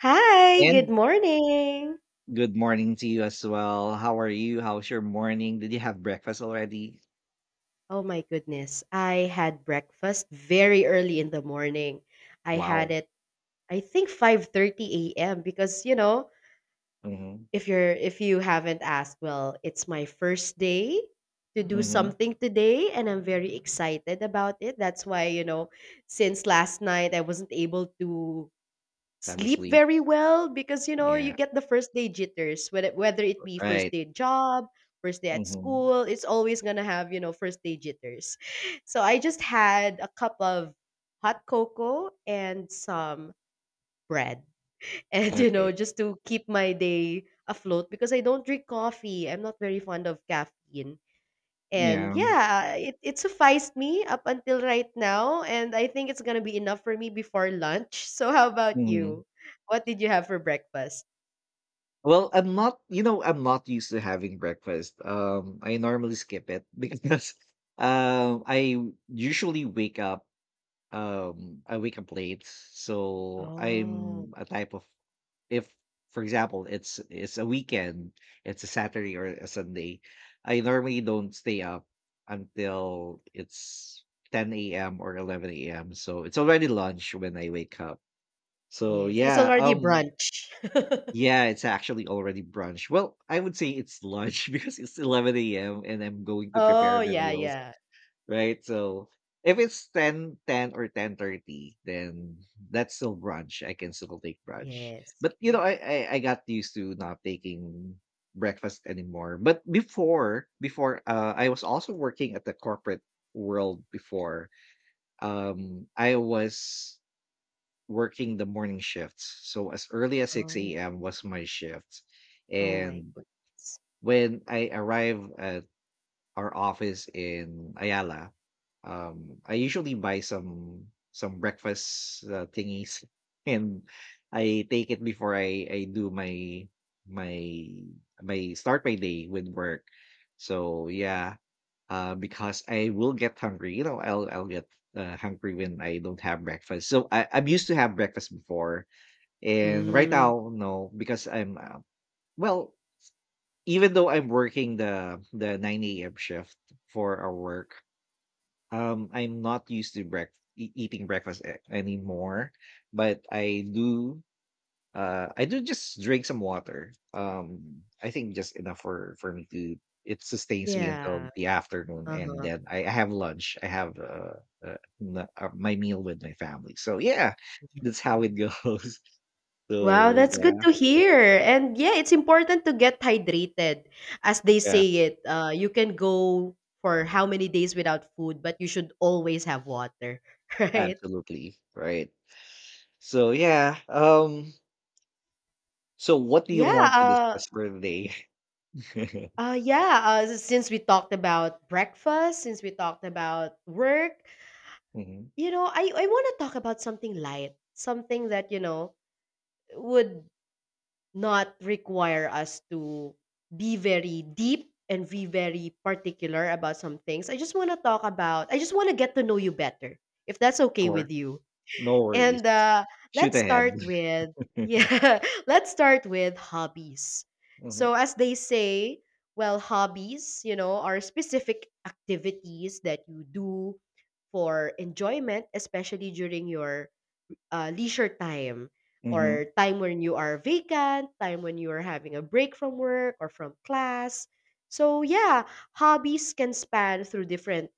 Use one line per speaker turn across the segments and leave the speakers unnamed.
Hi, good
And
morning.
good morning to you as well. How are you? How's your morning? Did you have breakfast already?
Oh my goodness. I had breakfast very early in the morning. I had
Wow.
it I think 5:30 a.m. because you know,
Mm-hmm.
if you haven't asked, well, it's my first day to do
Mm-hmm.
something today and I'm very excited about it. That's why, you know, since last night I wasn't able to
Time of
sleep
sleep.
very well because you know you
Yeah.
get the first day jitters whether it be first
Right.
day job, first day at
Mm-hmm.
school, it's always gonna have you know first day jitters. So I just had a cup of hot cocoa and some bread and you know
Okay.
just to keep my day afloat because I don't drink coffee, I'm not very fond of caffeine and
Yeah.
yeah, it sufficed me up until right now. And I think it's going to be enough for me before lunch. So, how about
Mm-hmm.
you? What did you have for breakfast?
Well, I'm not I'm not used to having breakfast. I normally skip it because I usually wake up I wake up late. So
Oh,
I'm a type of if, for example, it's a weekend, it's a Saturday or a Sunday, I normally don't stay up until it's 10 a.m. or 11 a.m. So it's already lunch when I wake up. So
yes. It's
yeah,
already brunch.
yeah, it's actually already brunch. Well, I would say it's lunch because it's 11 a.m. and I'm going to prepare
Oh,
the
yeah,
meals.
yeah.
Right? So if it's ten or 10:30, then that's still brunch. I can still take brunch.
Yes.
But
Yeah.
I got used to not taking breakfast anymore. But before I was also working at the corporate world before. I was working the morning shifts. So as early as
Oh,
6 a.m. was my shift.
oh my
And
God.
when I arrive at our office in Ayala, I usually buy some breakfast thingies, and I take it before I do my my start my day with work. So yeah, because I will get hungry. You know, I'll get hungry when I don't have breakfast. So I'm used to have breakfast before, and right
Mm,
now no, because I'm well even though I'm working the 9 a.m. shift for our work, I'm not used to eating breakfast anymore. But I do just drink some water. I think just enough for me to it sustains me
yeah.
until the afternoon, and
Uh-huh.
then I have lunch. I have uh, my meal with my family. So yeah, that's
Yeah.
how it goes.
Wow,
So
that's
yeah,
good to hear. And yeah, it's important to get hydrated. As they
yeah,
say it, you can go for how many days without food, but you should always have water, right?
absolutely right. So yeah, So what do you
Yeah,
want to
uh,
discuss for today?
yeah. Since we talked about breakfast, since we talked about work,
Mhm.
you know, I want to talk about something light, something that, you know, would not require us to be very deep and be very particular about some things. I just want to talk about, I just want to get to know you better, if that's okay
Sure.
with you.
No worries.
And
Shoot
let's
ahead.
start with, yeah, let's start with hobbies.
Mhm.
So, as they say, well, hobbies, you know, are specific activities that you do for enjoyment, especially during your leisure time
Mhm.
or time when you are vacant, time when you are having a break from work or from class. So yeah, hobbies can span through different,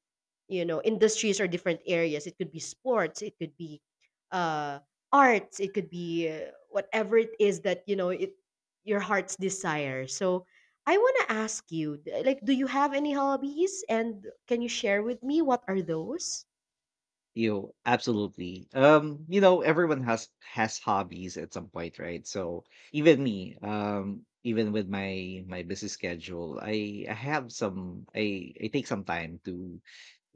you know, industries or different areas. It could be sports, it could be uh arts, it could be whatever it is that, you know, it your heart's desire. So I want to ask you, like, do you have any hobbies? And can you share with me what are those?
You absolutely. You know, everyone has hobbies at some point, right? So even me, even with my busy schedule, I have some I take some time to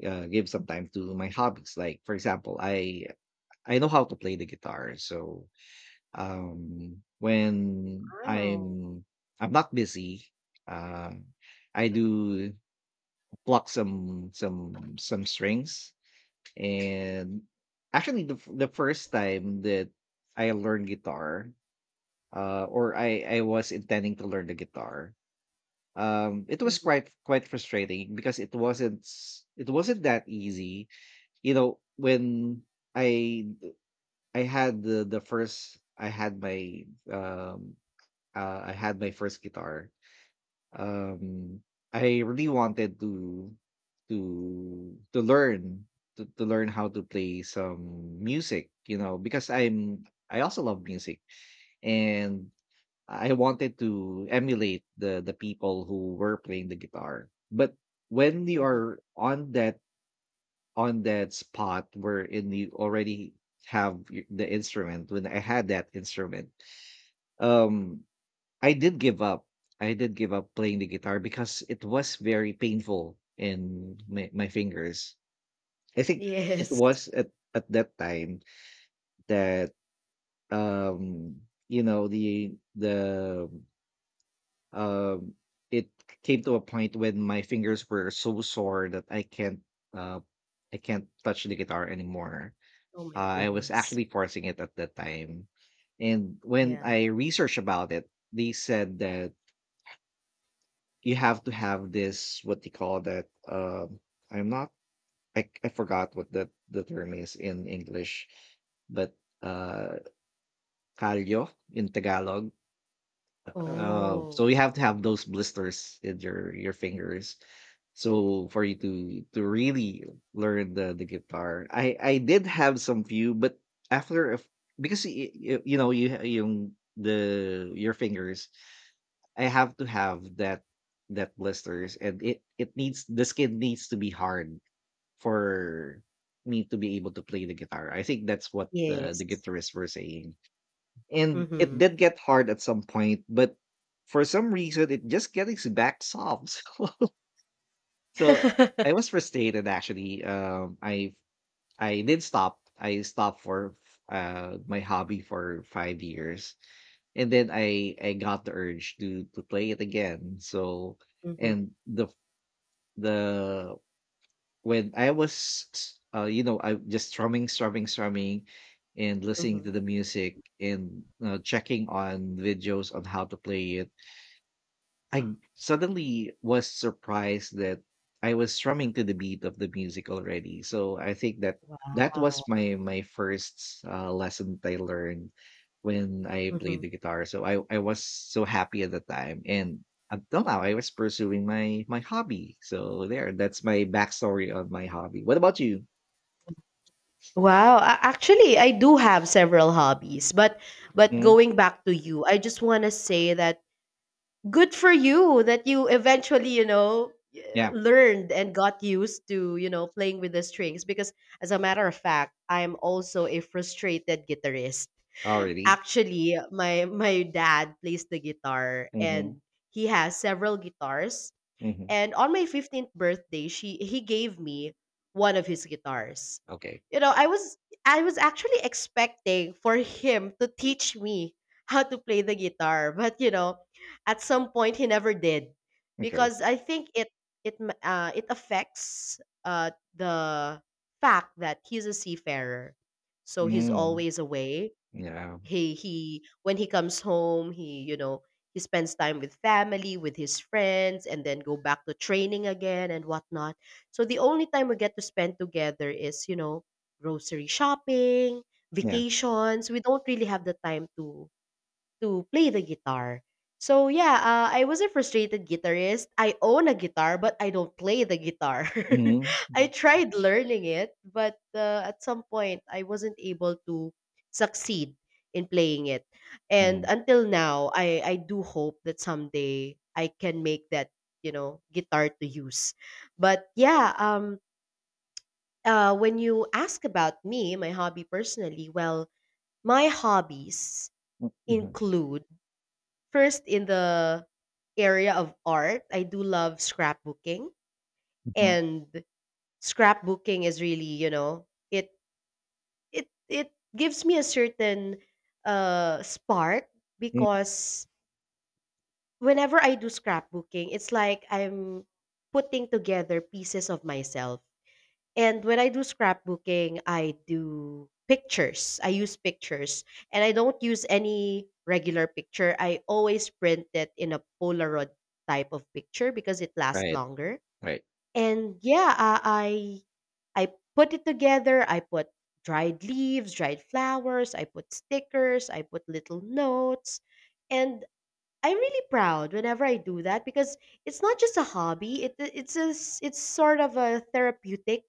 give some time to my hobbies. Like for example, I know how to play the guitar, so when I'm
Wow.
I'm not busy, uh, I do pluck some strings, and actually the first time that I learned guitar, or I was intending to learn the guitar, it was
Hmm.
quite frustrating because it wasn't that easy. You know, when I I had the first um I had my first guitar. Um, I really wanted to to learn to learn how to play some music, you know, because I also love music and I wanted to emulate the people who were playing the guitar. But when you
Hmm.
are on that spot wherein you already the instrument, when I had that instrument, um I did give up. I did give up playing the guitar because it was very painful in my fingers. I think it
Yes.
was at that time that um you know the um it came to a point when my fingers were so sore that uh I can't touch the guitar anymore.
Oh my
I was
goodness.
actually forcing it at that time. And when
Yeah.
I researched about it, they said that you have to have this what they call that I'm not I forgot what the term is in English but uh calyo in Tagalog,
Oh,
so you have to have those blisters in your fingers, so for you to really learn the guitar. I did have some few, but after a f because you know you ha- yung the your fingers, I have to have that blisters, and it needs the skin needs to be hard for me to be able to play the guitar. I think that's what the
yes.
guitarists were saying. And it
Mhm.
did get hard at some point, but for some reason it just gets back soft. So I was frustrated actually. I did stop. I stopped for my hobby for 5 years. And then I got the urge to play it again. So
Mhm.
and the when I was, I just strumming, strumming, strumming, and listening to
Mhm.
the music and checking on videos on how to play it. I suddenly was surprised that I was strumming to the beat of the music already. So I think that that was
Wow.
my my first lesson that I learned when I played
Mhm.
the guitar. So I was so happy at the time, and until now I was pursuing my my hobby. So there, that's my backstory on my hobby. What about you?
Wow, actually, I do have several hobbies, but
Hmm.
going back to you, I just want to say that good for you that you eventually, you know,
Yeah,
learned and got used to, you know, playing with the strings because as a matter of fact, I'm also a frustrated guitarist.
already.
Actually, my dad plays the guitar
Hmm.
and he has several guitars.
Hmm.
And on my 15th birthday, she he gave me one of his guitars.
Okay.
You know, I was actually expecting for him to teach me how to play the guitar, but you know, at some point he never did
Okay.
because I think it it affects uh, the fact that he's a seafarer, so he's
Mm.
always away.
Yeah.
He, when he comes home, he you know he spends time with family, with his friends, and then go back to training again and whatnot. So the only time we get to spend together is you know grocery shopping,
Yeah.
vacations. We don't really have the time to play the guitar. So yeah, I was a frustrated guitarist. I own a guitar, but I don't play the guitar.
Hmm.
I tried learning it, but at some point I wasn't able to succeed in playing it. And
Hmm.
until now, I do hope that someday I can make that you know guitar to use. But yeah, when you ask about me, my hobby personally, well, my hobbies include. First, in the area of art, I do love scrapbooking,
Hmm.
and scrapbooking is really, you know, it gives me a certain spark
Mm,
because whenever I do scrapbooking, it's like I'm putting together pieces of myself. And when I do scrapbooking, I do pictures. I use pictures. And I don't use any regular picture. I always print it in a Polaroid type of picture because it lasts
right,
longer.
right,
And yeah, I put it together. I put dried leaves, dried flowers, I put stickers, I put little notes. And I'm really proud whenever I do that because it's not just a hobby. It's a it's sort of a therapeutic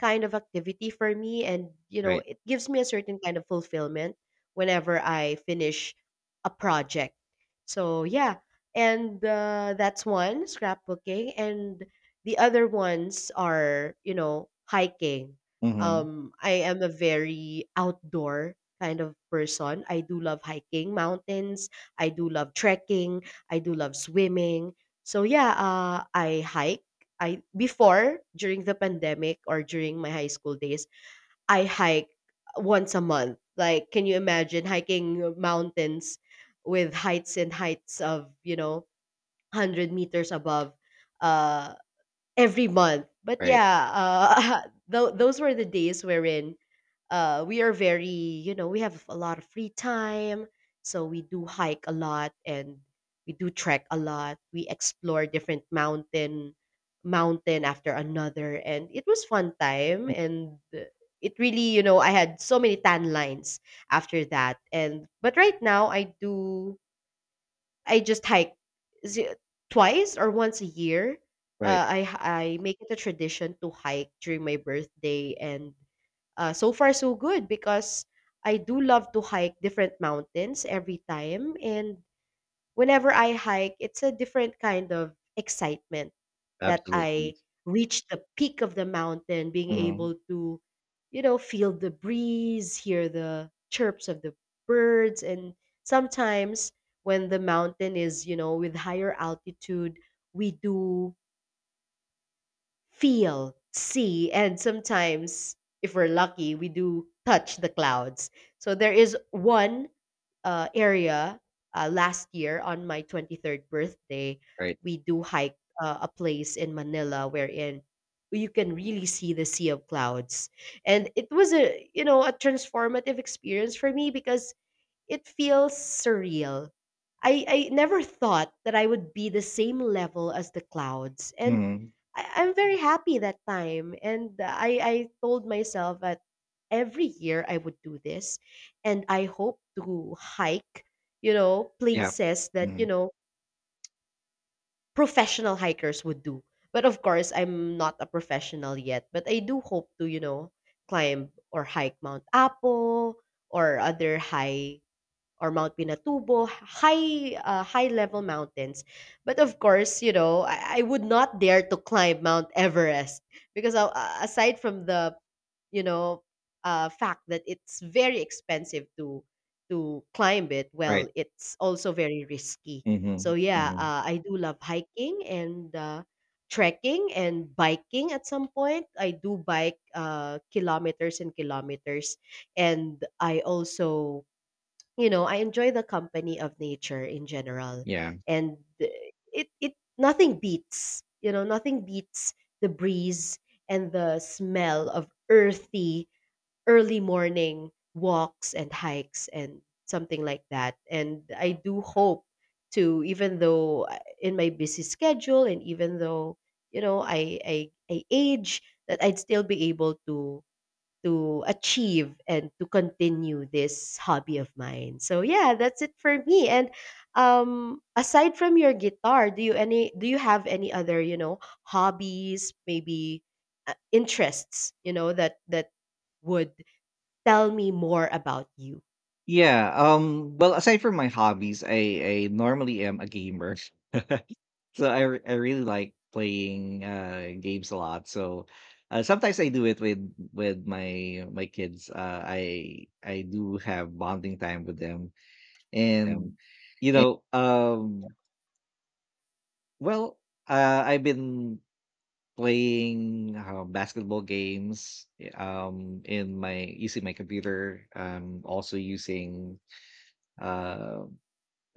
kind of activity for me, and you know
right.
it gives me a certain kind of fulfillment whenever I finish a project. So yeah, and that's one scrapbooking, and the other ones are you know hiking.
Mhm.
I am a very outdoor kind of person. I do love hiking mountains, I do love trekking, I do love swimming. So yeah, I hike. I before during the pandemic or during my high school days, I hike once a month. Like, can you imagine hiking mountains with heights and heights of you know hundred meters above? Uh, every month. But
Right,
yeah, those were the days wherein we are very, you know, we have a lot of free time. So we do hike a lot and we do trek a lot. We explore different mountain after another. And it was fun time. And it really, you know, I had so many tan lines after that. And, but right now I just hike z- twice or once a year.
right.
I make it a tradition to hike during my birthday, and so far so good because I do love to hike different mountains every time, and whenever I hike, it's a different kind of excitement that
Absolutely.
I reach the peak of the mountain, being
Mhm.
able to, you know, feel the breeze, hear the chirps of the birds. And sometimes when the mountain is, you know, with higher altitude, we do feel, see, and sometimes, if we're lucky, we do touch the clouds. So there is one area last year on my 23rd birthday,
Right.
we do hike a place in Manila wherein you can really see the sea of clouds. And it was a, you know, a transformative experience for me because it feels surreal. I never thought that I would be the same level as the clouds. And
Mhm.
I'm very happy that time. And I told myself that every year I would do this. And I hope to hike, you know,
Yeah.
places that, you
Mhm.
know, professional hikers would do. But of course, I'm not a professional yet. But I do hope to, you know, climb or hike Mount Apo or other high or Mount Pinatubo, high high level mountains. But of course, you know, I would not dare to climb Mount Everest because aside from the you know fact that it's very expensive to climb it,
Right.
well, it's also very risky.
Mhm.
So yeah,
Mhm.
I do love hiking and trekking and biking. At some point, I do bike kilometers and kilometers, and I also you know, I enjoy the company of nature in general,
Yeah.
and it it nothing beats, you know, nothing beats the breeze and the smell of earthy early morning walks and hikes and something like that. And I do hope to, even though in my busy schedule and even though, you know, I age, that I'd still be able to achieve and to continue this hobby of mine. So yeah, that's it for me. And aside from your guitar, do you have any other, you know, hobbies, maybe interests, you know, that that would tell me more about you?
Yeah, well, aside from my hobbies, I normally am a gamer. So I really like playing games a lot. So sometimes I do it with my kids. I do have bonding time with them,
Um,
and you
and
know, well, I've been Playing, basketball games, in my using my computer, I'm also using, uh,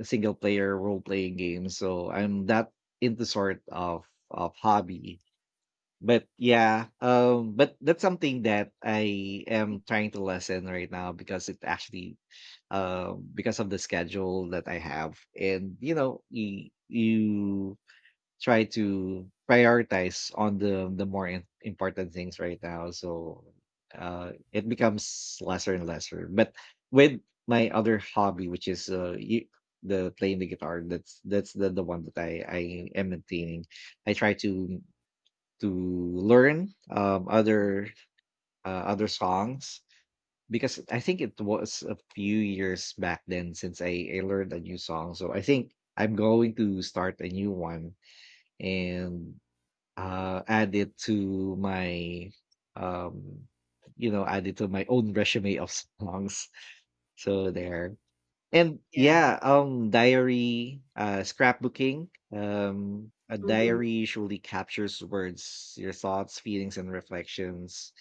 single player role-playing games, so I'm that into sort of hobby. But yeah, but that's something that I am trying to lessen right now because it actually, because of the schedule that I have and, you know, you try to prioritize on the more important things right now so it becomes lesser and lesser but with my other hobby which is the playing the guitar, that's the one that I am maintaining. I try to learn other other songs because I think it was a few years back then since I learned a new song, so I think I'm going to start a new one and add it to my um you know add it to my own resume of songs, so there. And yeah,
Yeah.
diary, scrapbooking. A
Mhm.
diary usually captures words, your thoughts, feelings and reflections,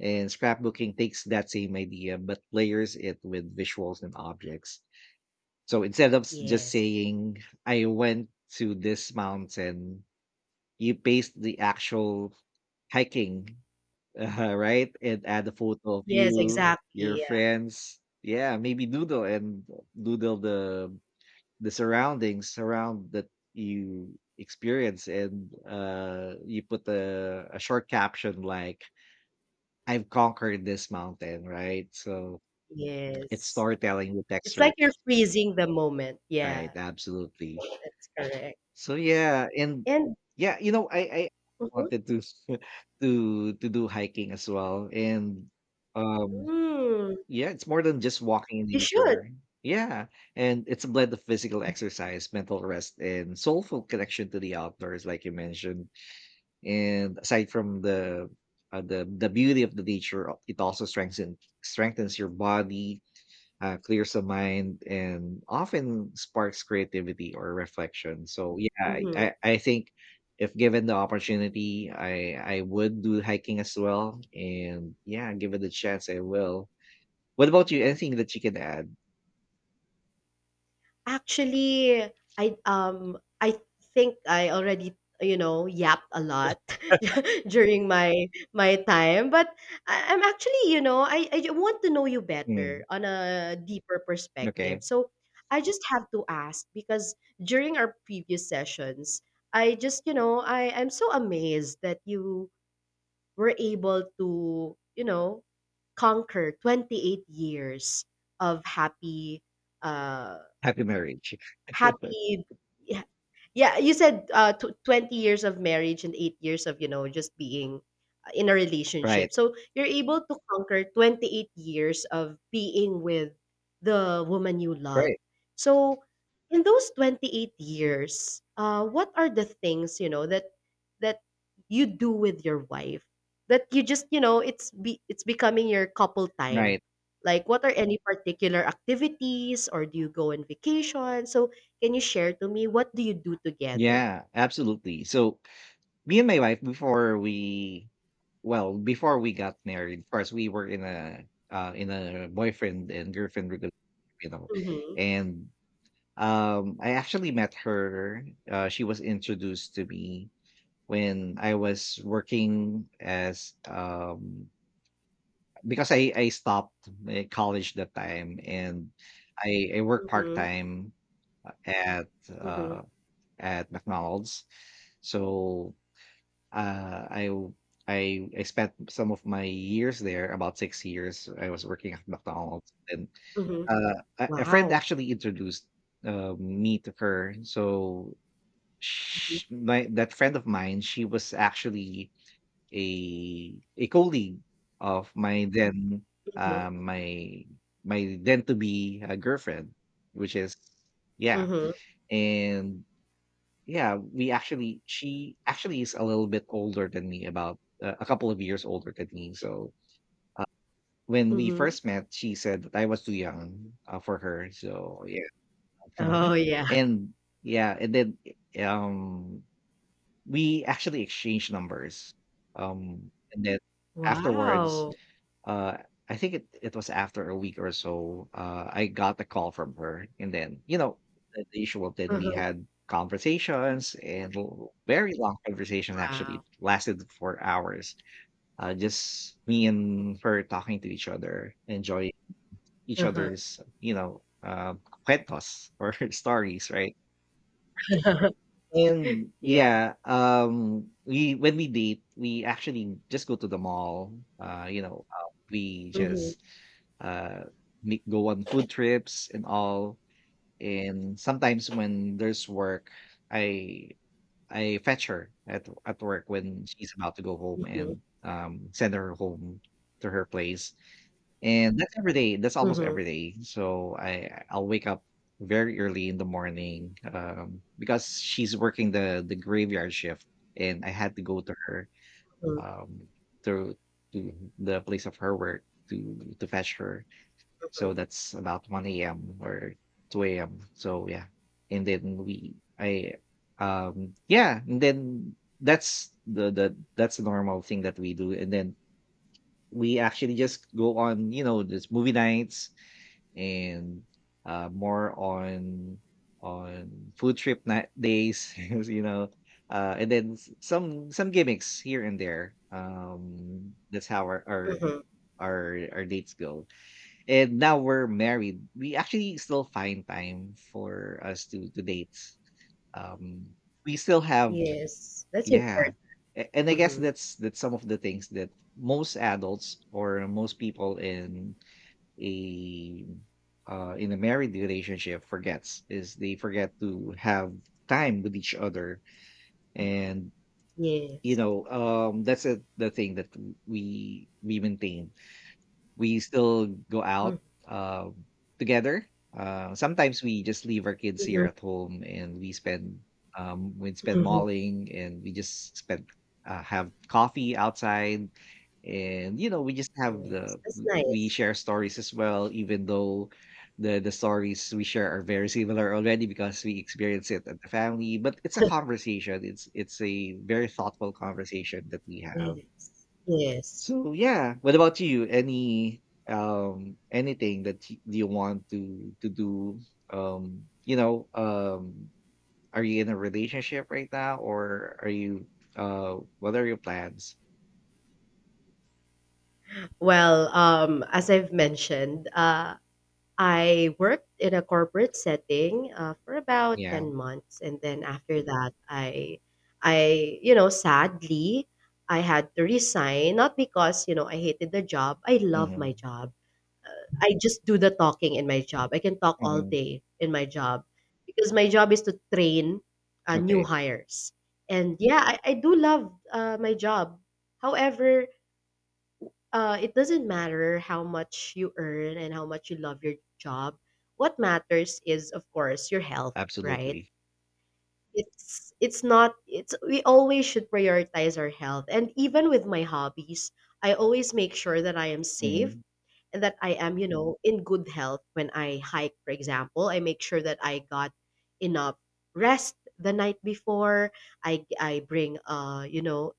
and scrapbooking takes that same idea but layers it with visuals and objects. So instead of just
Yes.
saying I went to this mountain, you paste the actual hiking, right? And add a photo of
Yes,
you,
exactly.
your
Yeah.
friends. Yeah, maybe doodle and doodle the surroundings around that you experience, and you put a short caption like "I've conquered this mountain," right? So it's
Yes.
storytelling with
It's like
texture,
you're freezing the moment.
right?
Yeah.
Absolutely.
That's correct.
So yeah, and
And
yeah, you know, I
Mhm.
wanted to to do hiking as well, and um,
Mm.
yeah, it's more than just walking in
You should.
nature. Yeah, and it's a blend of physical exercise, mental rest, and soulful connection to the outdoors, like you mentioned. And aside from the beauty of the nature, it also strengthens your body, clears the mind and often sparks creativity or reflection. So yeah,
Mhm.
I think if given the opportunity, I would do hiking as well. And yeah, given the chance, I will. What about you? Anything that you can add?
Actually, I think I already you know yapped a lot during my my time, but I'm actually you know I want to know you
Mm,
better on a deeper
okay,
perspective. So I just have to ask because during our previous sessions, I just you know I'm so amazed that you were able to, you know, conquer 28 years of happy uh
happy marriage.
happy yeah, yeah, you said tw 20 years of marriage and 8 years of you know just being in a
Right,
relationship, so you're able to conquer 28 years of being with the woman you love.
right,
So in those 28 years what are the things you know that that you do with your wife that you just you know it's becoming your couple time,
right.
like what are any particular activities or do you go on vacation? So can you share to me what do you do together?
Yeah, absolutely. So me and my wife before we Well, before we got married, first we were in a boyfriend and girlfriend relationship, you know,
Mhm,
and I actually met her. She was introduced to me when I was working as because I stopped college that time and I worked part
mhm,
time at uh,
mhm,
at McDonald's, so uh, I w I spent some of my years there, about 6 years, I was working at McDonald's, and,
mhm.
a friend
Wow.
actually introduced, me to her. So
Mhm,
sh my that friend of mine, she was actually a colleague of my then,
mhm,
my my then to be, girlfriend, which is yeah,
mhm,
and yeah, we actually she actually is a little bit older than me, about, a couple of years older than me, so when we
mhm.
first met, she said that I was too young, for her, so yeah.
Oh, yeah.
And yeah, and then, um we actually exchanged numbers, and then afterwards,
Wow.
uh, I think it was after a week or so, I got a call from her, and then, the usual. Then we
Uh-huh,
had conversations and l very long conversation, actually,
wow.
lasted for hours, just me and her talking to each other, enjoying each
Uh-huh.
other's, cuentos or stories, right? And
Yeah.
yeah, we when we date, we actually just go to the mall. We
Mhm,
just uh meet, go on food trips and all. And sometimes when there's work, I I fetch her at work when she's about to go home
mhm,
and send her home to her place. And that's every day, that's almost
mhm,
every day. So I'll wake up very early in the morning, because she's working the graveyard shift, and I had to go to her,
mhm,
um, to to the place of her work to fetch her. So
mhm,
that's about 1 a.m. or 2 a.m. So yeah, and then we I yeah, and then that's the that's the normal thing that we do, and then we actually just go on, you know, this movie nights and more on food trip night days, and then some gimmicks here and there. That's how
mhm.
our dates go. And now we're married. We actually still find time for us to date. Um, we still have
Yes, that's
Yeah.
important.
And I guess
Mhm.
that's some of the things that most adults or most people a in a married relationship forgets is they forget to have time with each other and
Yes.
that's the thing that we maintain. We still go out,
Mm,
uh, together. Sometimes we just leave our kids here
mhm,
at home and we spend
mhm.
malling, and we just have coffee outside. And, you know, we just
Yes, that's
we
nice.
share stories as well, even though the stories we share are very similar already because we experience it at the family, but it's a conversation. It's a very thoughtful conversation that we have.
Yes. Yes.
So yeah, what about you? Any anything that you want to do? Um, you know, um, are you in a relationship right now, or are you? What are your plans?
Well, as I've mentioned, I worked in a corporate setting for about
Yeah.
10 months, and then after that I you know, sadly, I had to resign, not because you know I hated the job. I love my
Hmm.
job. I just do the talking in my job. I can talk all
Hmm.
day in my job because my job is to train new
Okay.
hires. And yeah, I do love my job. However, it doesn't matter how much you earn and how much you love your job. What matters is, of course, your health, right?
Absolutely.
It's not it's we always should prioritize our health. And even with my hobbies, I always make sure that I am safe
Hmm.
and that I am, you know, in good health when I hike, for example. I make sure that I got enough rest the night before. I bring, you know,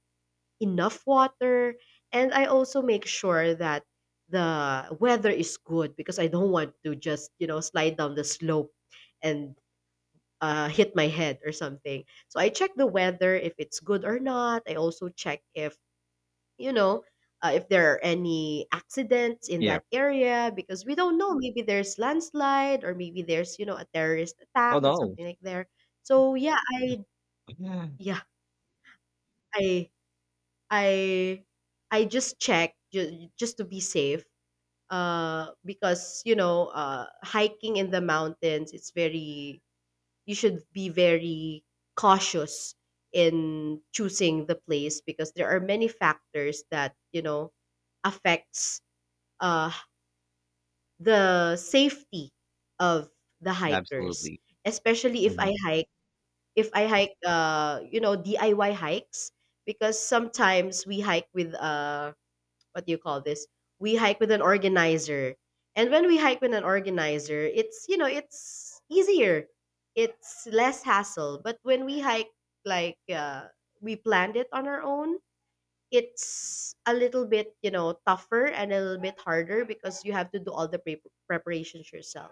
enough water. And I also make sure that the weather is good because I don't want to just, you know, slide down the slope and hit my head or something. So I check the weather if it's good or not. I also check if, you know, if there are any accidents in
Yeah.
that area because we don't know, maybe there's landslide or maybe there's, you know, a terrorist
Oh
attack and
no.
something like there. so yeah i
Yeah.
yeah i I I just check just to be safe, because you know, hiking in the mountains, it's very, you should be very cautious in choosing the place because there are many factors that, you know, affects uh the safety of the hikers,
Absolutely.
especially if I
Hmm.
hike, if I hike you know, DIY hikes, because sometimes we hike with what do you call this? We hike with an organizer. And when we hike with an organizer, it's, you know, it's easier. It's less hassle. But when we hike like we planned it on our own, it's a little bit, you know, tougher and a little bit harder because you have to do all the preparations yourself.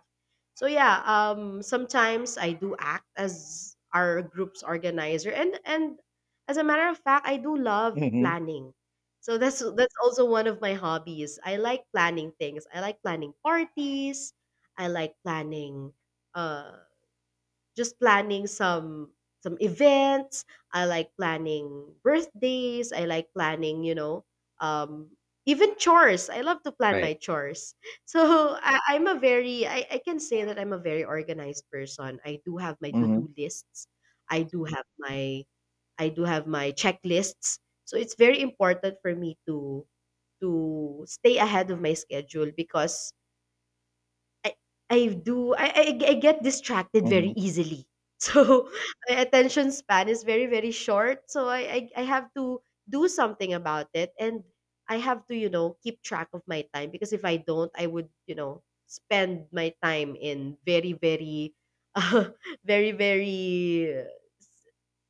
So yeah, sometimes I do act as our group's organizer, and as a matter of fact, I do love
Hmm.
planning. So that's also one of my hobbies. I like planning things. I like planning parties. I like planning, uh just planning some events. I like planning birthdays. I like planning, you know, um, even chores. I love to plan
Right.
my chores. So I'm a very, I can say that I'm a very organized person. I do have my
Hmm.
to-do lists. I do have my checklists. So it's very important for me to stay ahead of my schedule because I I I get distracted very
Hmm.
easily. So my attention span is very, very short. So I have to do something about it, and I have to, you know, keep track of my time, because if I don't, I would, you know, spend my time in very, very uh, very, very uh,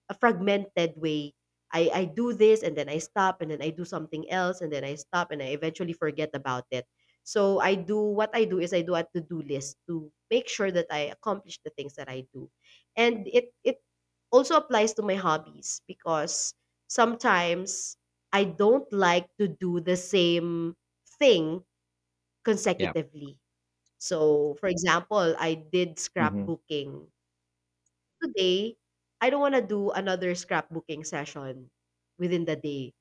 a fragmented way. I do this and then I stop and then I do something else and then I stop and I eventually forget about it. So I do what I do is I do a to-do list to make sure that I accomplish the things that I do. And it also applies to my hobbies because sometimes I don't like to do the same thing
Yeah.
consecutively. So, for example, I did
Hmm.
scrapbooking today, I don't wanna do another scrapbooking session within the day.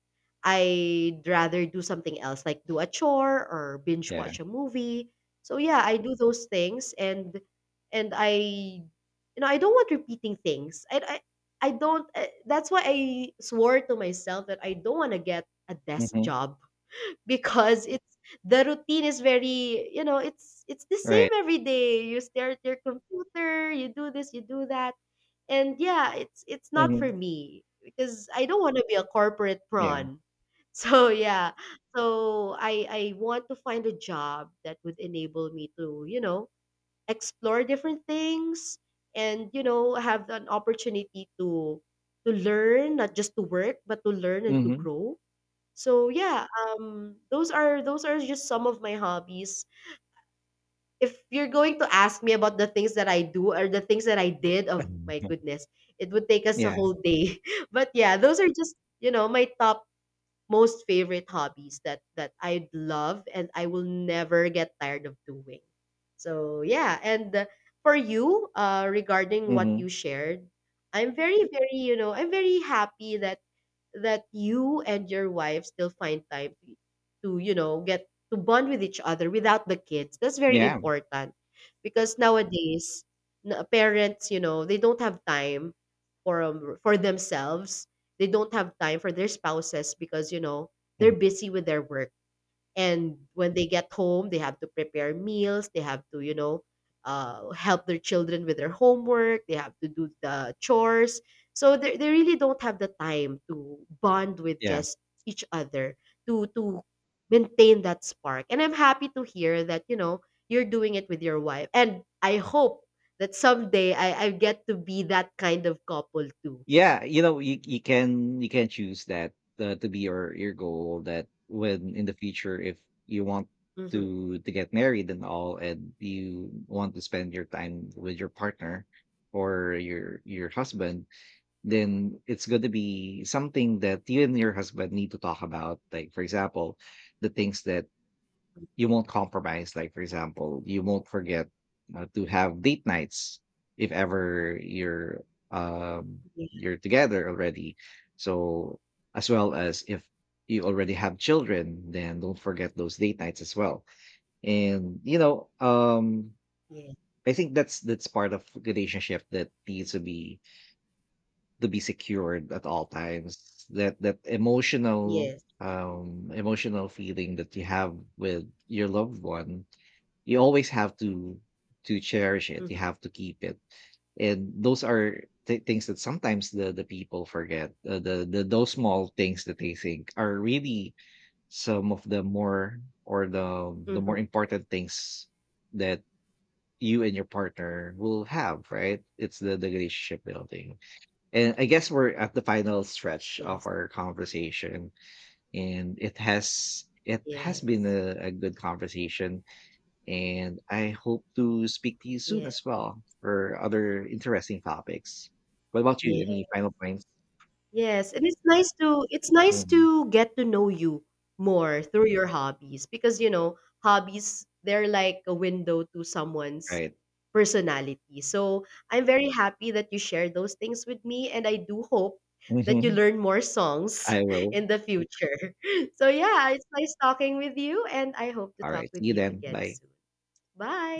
I'd rather do something else, like do a chore or binge
Yeah.
watch a movie. So yeah, I do those things, and I you know, I don't want repeating things. I don't, that's why I swore to myself that I don't want to get a desk
Hmm.
job because it's, the routine is very, you know, it's the same
Right.
every day. You stare at your computer, you do this, you do that. And yeah, it's not for
Hmm.
me because I don't want to be a corporate
Yeah.
prawn. So yeah, so I want to find a job that would enable me to, you know, explore different things and, you know, have an opportunity to learn, not just to work, but to learn and to
Hmm.
grow. So yeah, um, those are just some of my hobbies. If you're going to ask me about the things that I do or the things that I did, oh my goodness, it would take us a
Yeah.
whole day. But yeah, those are just, you know, my top most favorite hobbies that that I love and I will never get tired of doing. So yeah, and for you, regarding what
Hmm.
you shared, I'm very, very, you know, I'm very happy that that you and your wife still find time to you know, get to bond with each other without the kids. That's very
Yeah.
important because nowadays, parents, you know, they don't have time for, for themselves. They don't have time for their spouses because, you know, they're
Mhm.
busy with their work. And when they get home, they have to prepare meals, they have to, you know, help their children with their homework, they have to do the chores. So they really don't have the time to bond with
Yeah.
just each other, to maintain that spark. And I'm happy to hear that, you know, you're doing it with your wife. And I hope that someday I get to be that kind of couple too.
Yeah, you know, you can you can choose that to be your goal that when in the future, if you want
Mm-hmm.
to get married and all, and you want to spend your time with your partner or your husband, then it's going to be something that you and your husband need to talk about. Like for example, the things that you won't compromise. Like for example, you won't forget to have date nights if ever um
Yes.
you're together already. So, as well, as if you already have children, then don't forget those date nights as well. And you know,
Yes.
I think that's part of relationship that needs to be secured at all times. That that emotional
Yes.
emotional feeling that you have with your loved one, you always have to cherish it. You have to keep it, and those are things that sometimes the people forget. The Those small things that they think are really some of the more, or the
Mm-hmm.
more important things that you and your partner will have. Right? It's the relationship building. And I guess we're at the final stretch of
Yes.
our conversation, and it has been
Yes.
a good conversation, and I hope to speak to you soon
Yes.
as well for other interesting topics. What about you?
Yes.
Any final points?
Yes, and it's nice to, it's nice
Mhm.
to get to know you more through your hobbies because, you know, hobbies, they're like a window to someone's
Right.
personality. So, I'm very happy that you share those things with me, and I do hope that you
Hmm.
learn more songs
I will.
in the future. So, yeah, it's nice talking with you and I hope to
All
talk
right. See
with
you
you
then.
again
Bye.
soon. Bye.